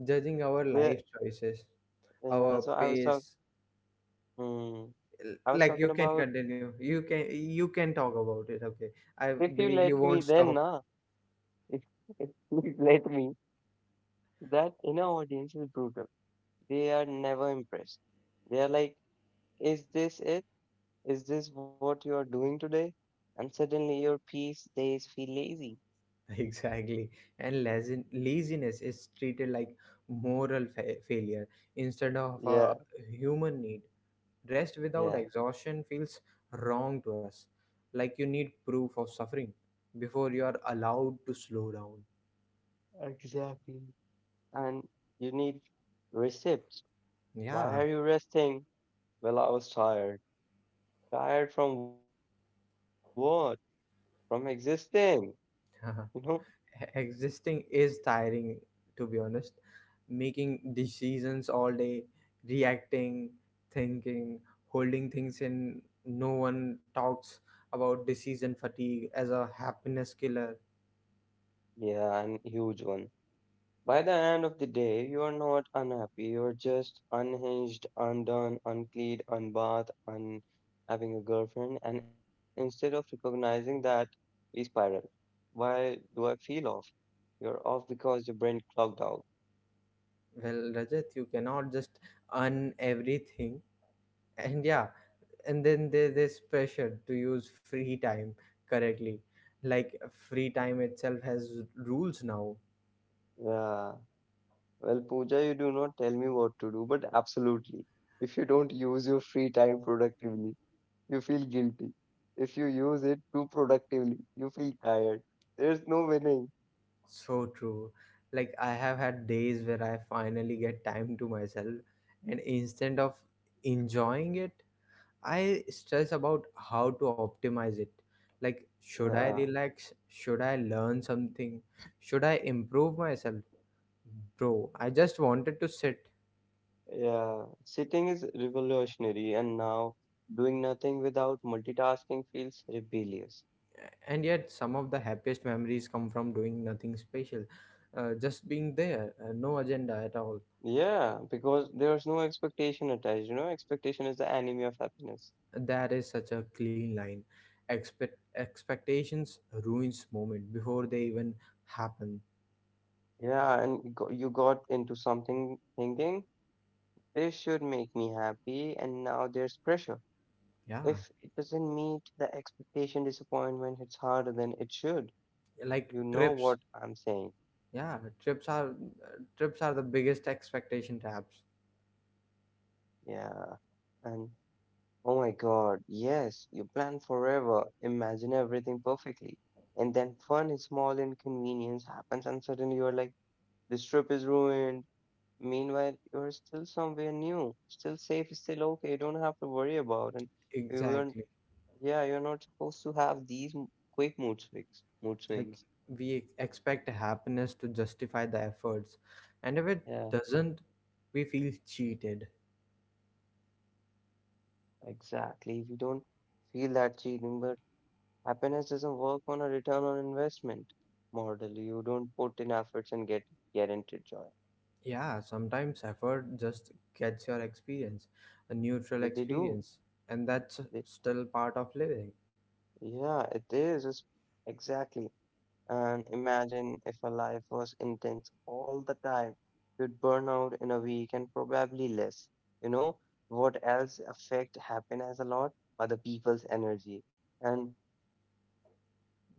judging our They're, life choices, yeah, our so I was talking. pace. Hmm, I was Like, talking you can about, continue, you can talk about it, okay. I if you let believe you me, won't then stop. nah. If if you let me, that inner audience is brutal. They are never impressed. They are like, "Is this it? Is this what you are doing today?" And suddenly your peace days feel lazy. Exactly. And laziness is treated like moral failure instead of a Yeah, human need. Rest without yeah. exhaustion feels wrong to us. Like you need proof of suffering before you are allowed to slow down. Exactly. And you need receipts. Why Yeah. are you resting? Well, I was tired. Tired from what? From existing. You know? Existing is tiring, to be honest. Making decisions all day, reacting, thinking, holding things in. No one talks about decision fatigue as a happiness killer. Yeah, and huge one. By the end of the day, you are not unhappy, you're just unhinged, undone, unclean, unbathed, un having a girlfriend, and instead of recognizing that, we spiral. Why do I feel off? You're off because your brain clogged out. Well, Rajat, you cannot just earn everything, and yeah. And then there's this pressure to use free time correctly. Like free time itself has rules now. Yeah. Well, Pooja, you do not tell me what to do, but absolutely. If you don't use your free time productively, you feel guilty. If you use it too productively, you feel tired. There's no winning. So true. Like I have had days where I finally get time to myself, and instead of enjoying it, I stress about how to optimize it. Like should I Yeah. relax? Should I learn something? Should I improve myself? Bro, I just wanted to sit. Yeah, sitting is revolutionary, and now doing nothing without multitasking feels rebellious. And yet some of the happiest memories come from doing nothing special. Just being there, no agenda at all. Yeah, because there's no expectation attached, you know, expectation is the enemy of happiness. That is such a clean line. Expect, expectations ruins moment before they even happen. Yeah, and you got into something thinking, this should make me happy, and now there's pressure. Yeah, If it doesn't meet the expectation, disappointment hits harder than it should. like You know trips. what I'm saying. Yeah, trips are the biggest expectation traps. Yeah, and oh my God, yes, you plan forever, imagine everything perfectly, and then one small inconvenience happens, and suddenly you're like, this trip is ruined. Meanwhile, you're still somewhere new, still safe, still okay, you don't have to worry about, and you are Exactly. yeah, you're not supposed to have these quick mood swings, mood Like swings. we expect happiness to justify the efforts, and if it Yeah, doesn't, we feel cheated. exactly. We don't feel that cheating, but happiness doesn't work on a return on investment model. You don't put in efforts and get guaranteed joy. Yeah, sometimes effort just gets your experience a neutral Yeah, they do. experience, and that's They, still part of living. yeah, it is. It's exactly. And imagine if a life was intense all the time, you'd burn out in a week and probably less. You know, what else affect happiness a lot? Other people's energy. And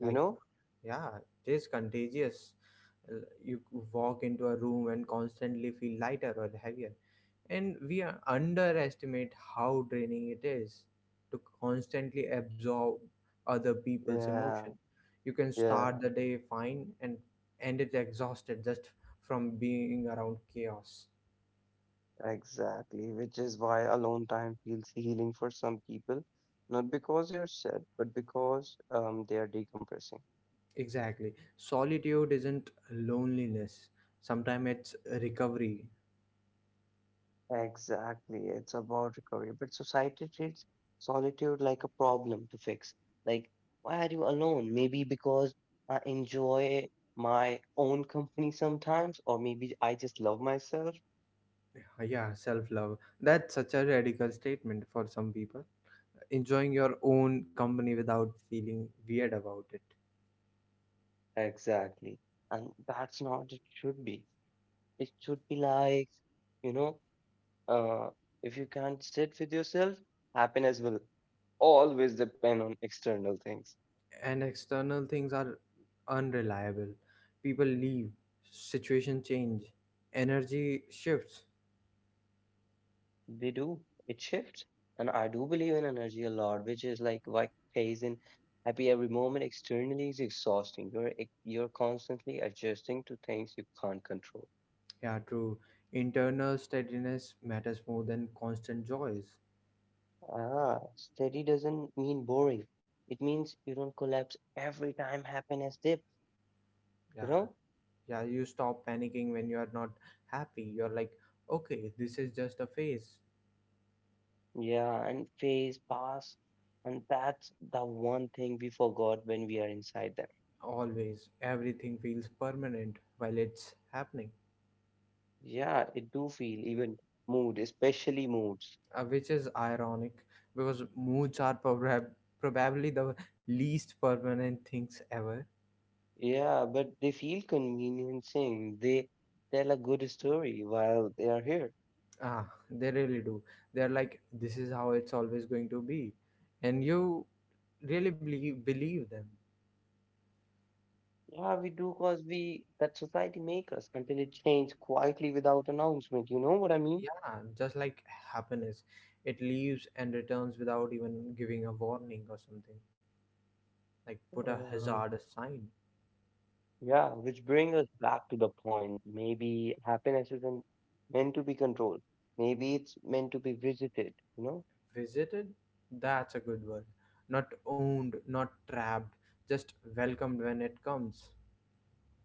you know, yeah, it is contagious. You walk into a room and constantly feel lighter or heavier. And we are- underestimate how draining it is to constantly absorb other people's yeah, emotion. You can yeah, start the day fine and end it exhausted just from being around chaos. exactly. Which is why alone time feels healing for some people, not because they're sad, but because they are decompressing. Exactly. Solitude isn't loneliness. Sometimes it's recovery. Exactly. It's about recovery. But society treats solitude like a problem to fix. Like, why are you alone? Maybe because I enjoy my own company sometimes, or maybe I just love myself. Yeah, self love. That's such a radical statement for some people. Enjoying your own company without feeling weird about it. Exactly. And that's not it should be. It should be like, you know, uh, if you can't sit with yourself, happiness will always depend on external things. And external things are unreliable. People leave, situation change, energy shifts. They do. It shifts. And I do believe in energy a lot, which is like why pays in happy every moment externally is exhausting. You're constantly adjusting to things you can't control. Yeah, true. Internal steadiness matters more than constant joys. Ah, steady doesn't mean boring. It means you don't collapse every time happiness dips. You Yeah. know? Yeah, you stop panicking when you are not happy. You're like, okay, this is just a phase. Yeah, and phase pass. And that's the one thing we forgot when we are inside them. Always, everything feels permanent while it's happening. Yeah, it do feel even mood, especially moods. Which is ironic because moods are probably the least permanent things ever. Yeah, but they feel conveniencing. They tell a good story while they are here. Ah, they really do. They're like, this is how it's always going to be. And you believe them. Yeah, we do cause we that society make us until it change quietly without announcement. You know what I mean? Yeah, just like happiness, it leaves and returns without even giving a warning or something. Like, put a Um, hazardous sign. yeah, which bring us back to the point. Maybe happiness isn't meant to be controlled. Maybe it's meant to be visited. You know? Visited? That's a good word. Not owned, not trapped, just welcomed when it comes.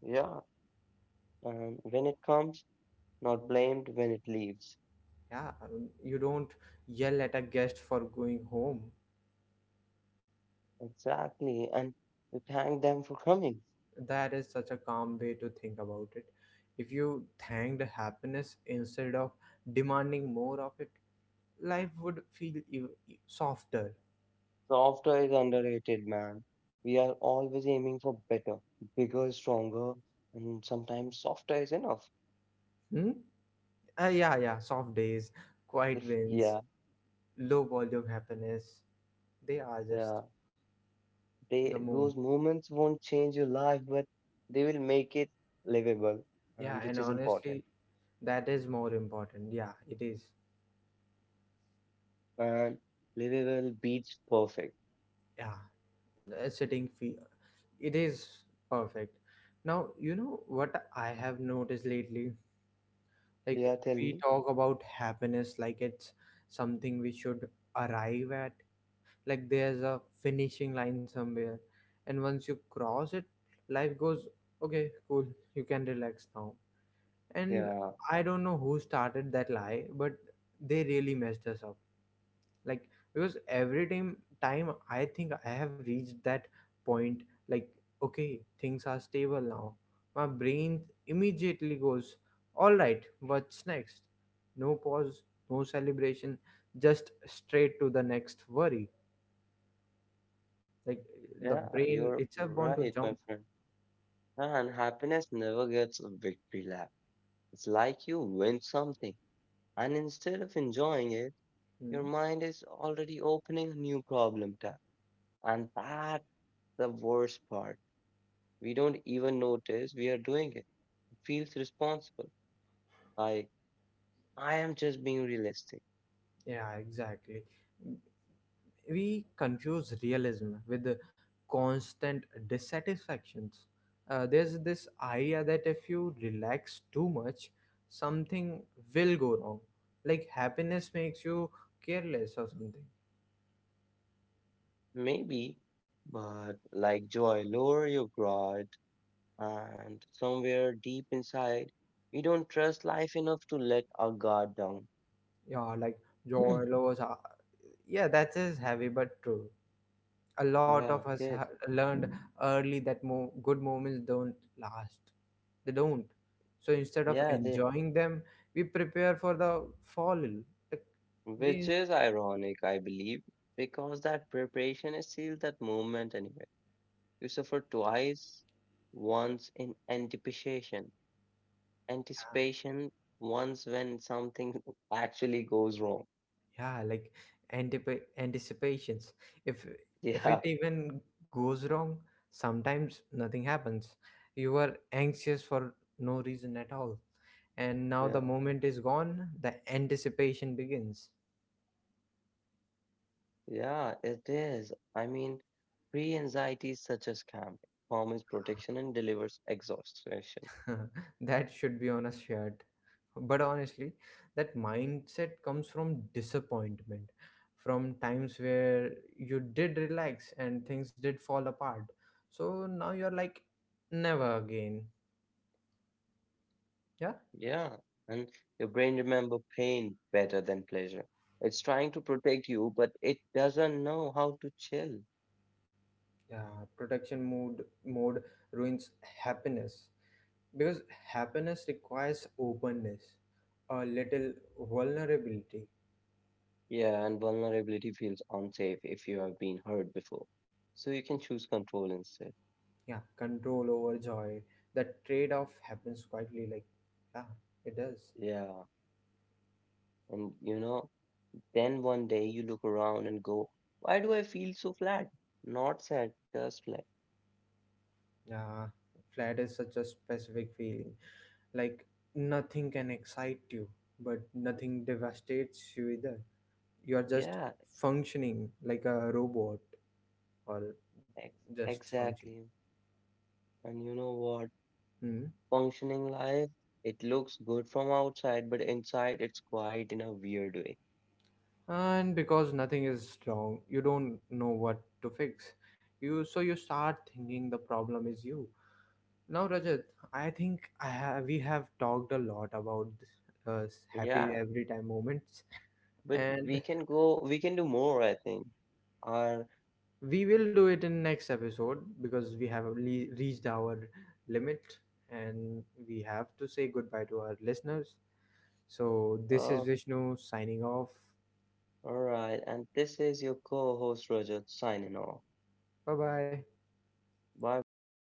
Yeah. When it comes, not blamed. When it leaves, Yeah, you don't yell at a guest for going home. exactly. And we thank them for coming. That is such a calm way to think about it. If you thanked happiness instead of demanding more of it, life would feel softer. Software is underrated, man. We are always aiming for better, bigger, stronger, and sometimes softer is enough. Hmm? Yeah, yeah, soft days, quiet If wins, yeah, low volume happiness. They are just yeah, the they moment. those moments won't change your life, but they will make it livable, Yeah, and which and is important. honestly, that is more important. Yeah, it is. And livable beats perfect. Yeah. Sitting fee, it is perfect. Now you know what I have noticed lately? Like Yeah, tell we me. talk about happiness like it's something we should arrive at, like there's a finishing line somewhere, and once you cross it, life goes, okay, cool, you can relax now. And Yeah, I don't know who started that lie, but they really messed us up. Like, because every time I think I have reached that point, like okay, things are stable now, my brain immediately goes, all right, what's next? No pause, no celebration, just straight to the next worry. Like, the yeah, brain you're itself want to right, jump. my friend. And happiness never gets a victory lap. It's like you win something, and instead of enjoying it, your Hmm. mind is already opening a new problem tab. And that's the worst part. We don't even notice we are doing it. It feels responsible. Like, I am just being realistic. Yeah, exactly. We confuse realism with the constant dissatisfactions. There's this idea that if you relax too much, something will go wrong. Like happiness makes you careless or something. Maybe, but like joy, lower your guard. And somewhere deep inside, we don't trust life enough to let our guard down. Yeah, like joy, lows. Are, yeah, that is heavy but true. A lot of Yeah, us ha yes. learned early that good moments don't last. They don't. So instead of Yeah, they, enjoying them, we prepare for the fall. Like which we, is ironic, I believe, because that preparation is still that moment anyway. You suffer twice, once in anticipation, yeah, anticipation, once when something actually goes wrong. yeah, like anticipations. If if it Yeah, even goes wrong, sometimes nothing happens. You are anxious for no reason at all, and now yeah, the moment is gone. The anticipation begins. yeah, it is. I mean, pre anxiety is such a scam. Promise protection and delivers exhaustion. That should be on a shirt. But honestly, that mindset comes from disappointment, from times where you did relax and things did fall apart. So now you're like, never again. Yeah, Yeah, and your brain remember pain better than pleasure. It's trying to protect you, but it doesn't know how to chill. yeah. Protection mode ruins happiness because happiness requires openness, a little vulnerability. Yeah, and vulnerability feels unsafe if you have been hurt before. So you can choose control instead. Yeah, control over joy. That trade off happens quietly, like, yeah, it does. Yeah, and you know, then one day you look around and go, why do I feel so flat? Not sad, just flat. Yeah, flat is such a specific feeling. Like nothing can excite you, but nothing devastates you either. You are just Yeah, functioning like a robot, or ex just functioning. exactly. And you know what? Hmm. Functioning life, it looks good from outside, but inside it's quiet in a weird way. And because nothing is wrong, you don't know what to fix. You, so you start thinking the problem is you. Now, Rajat, I think we have talked a lot about uh, happy Yeah, every time moments, but and we can go, we can do more, I think. Or we will do it in next episode because we have reached our limit, and we have to say goodbye to our listeners. So this is uh, Vishnu signing off. all right, and this is your co host Rajat signing off. Bye bye. Bye bye.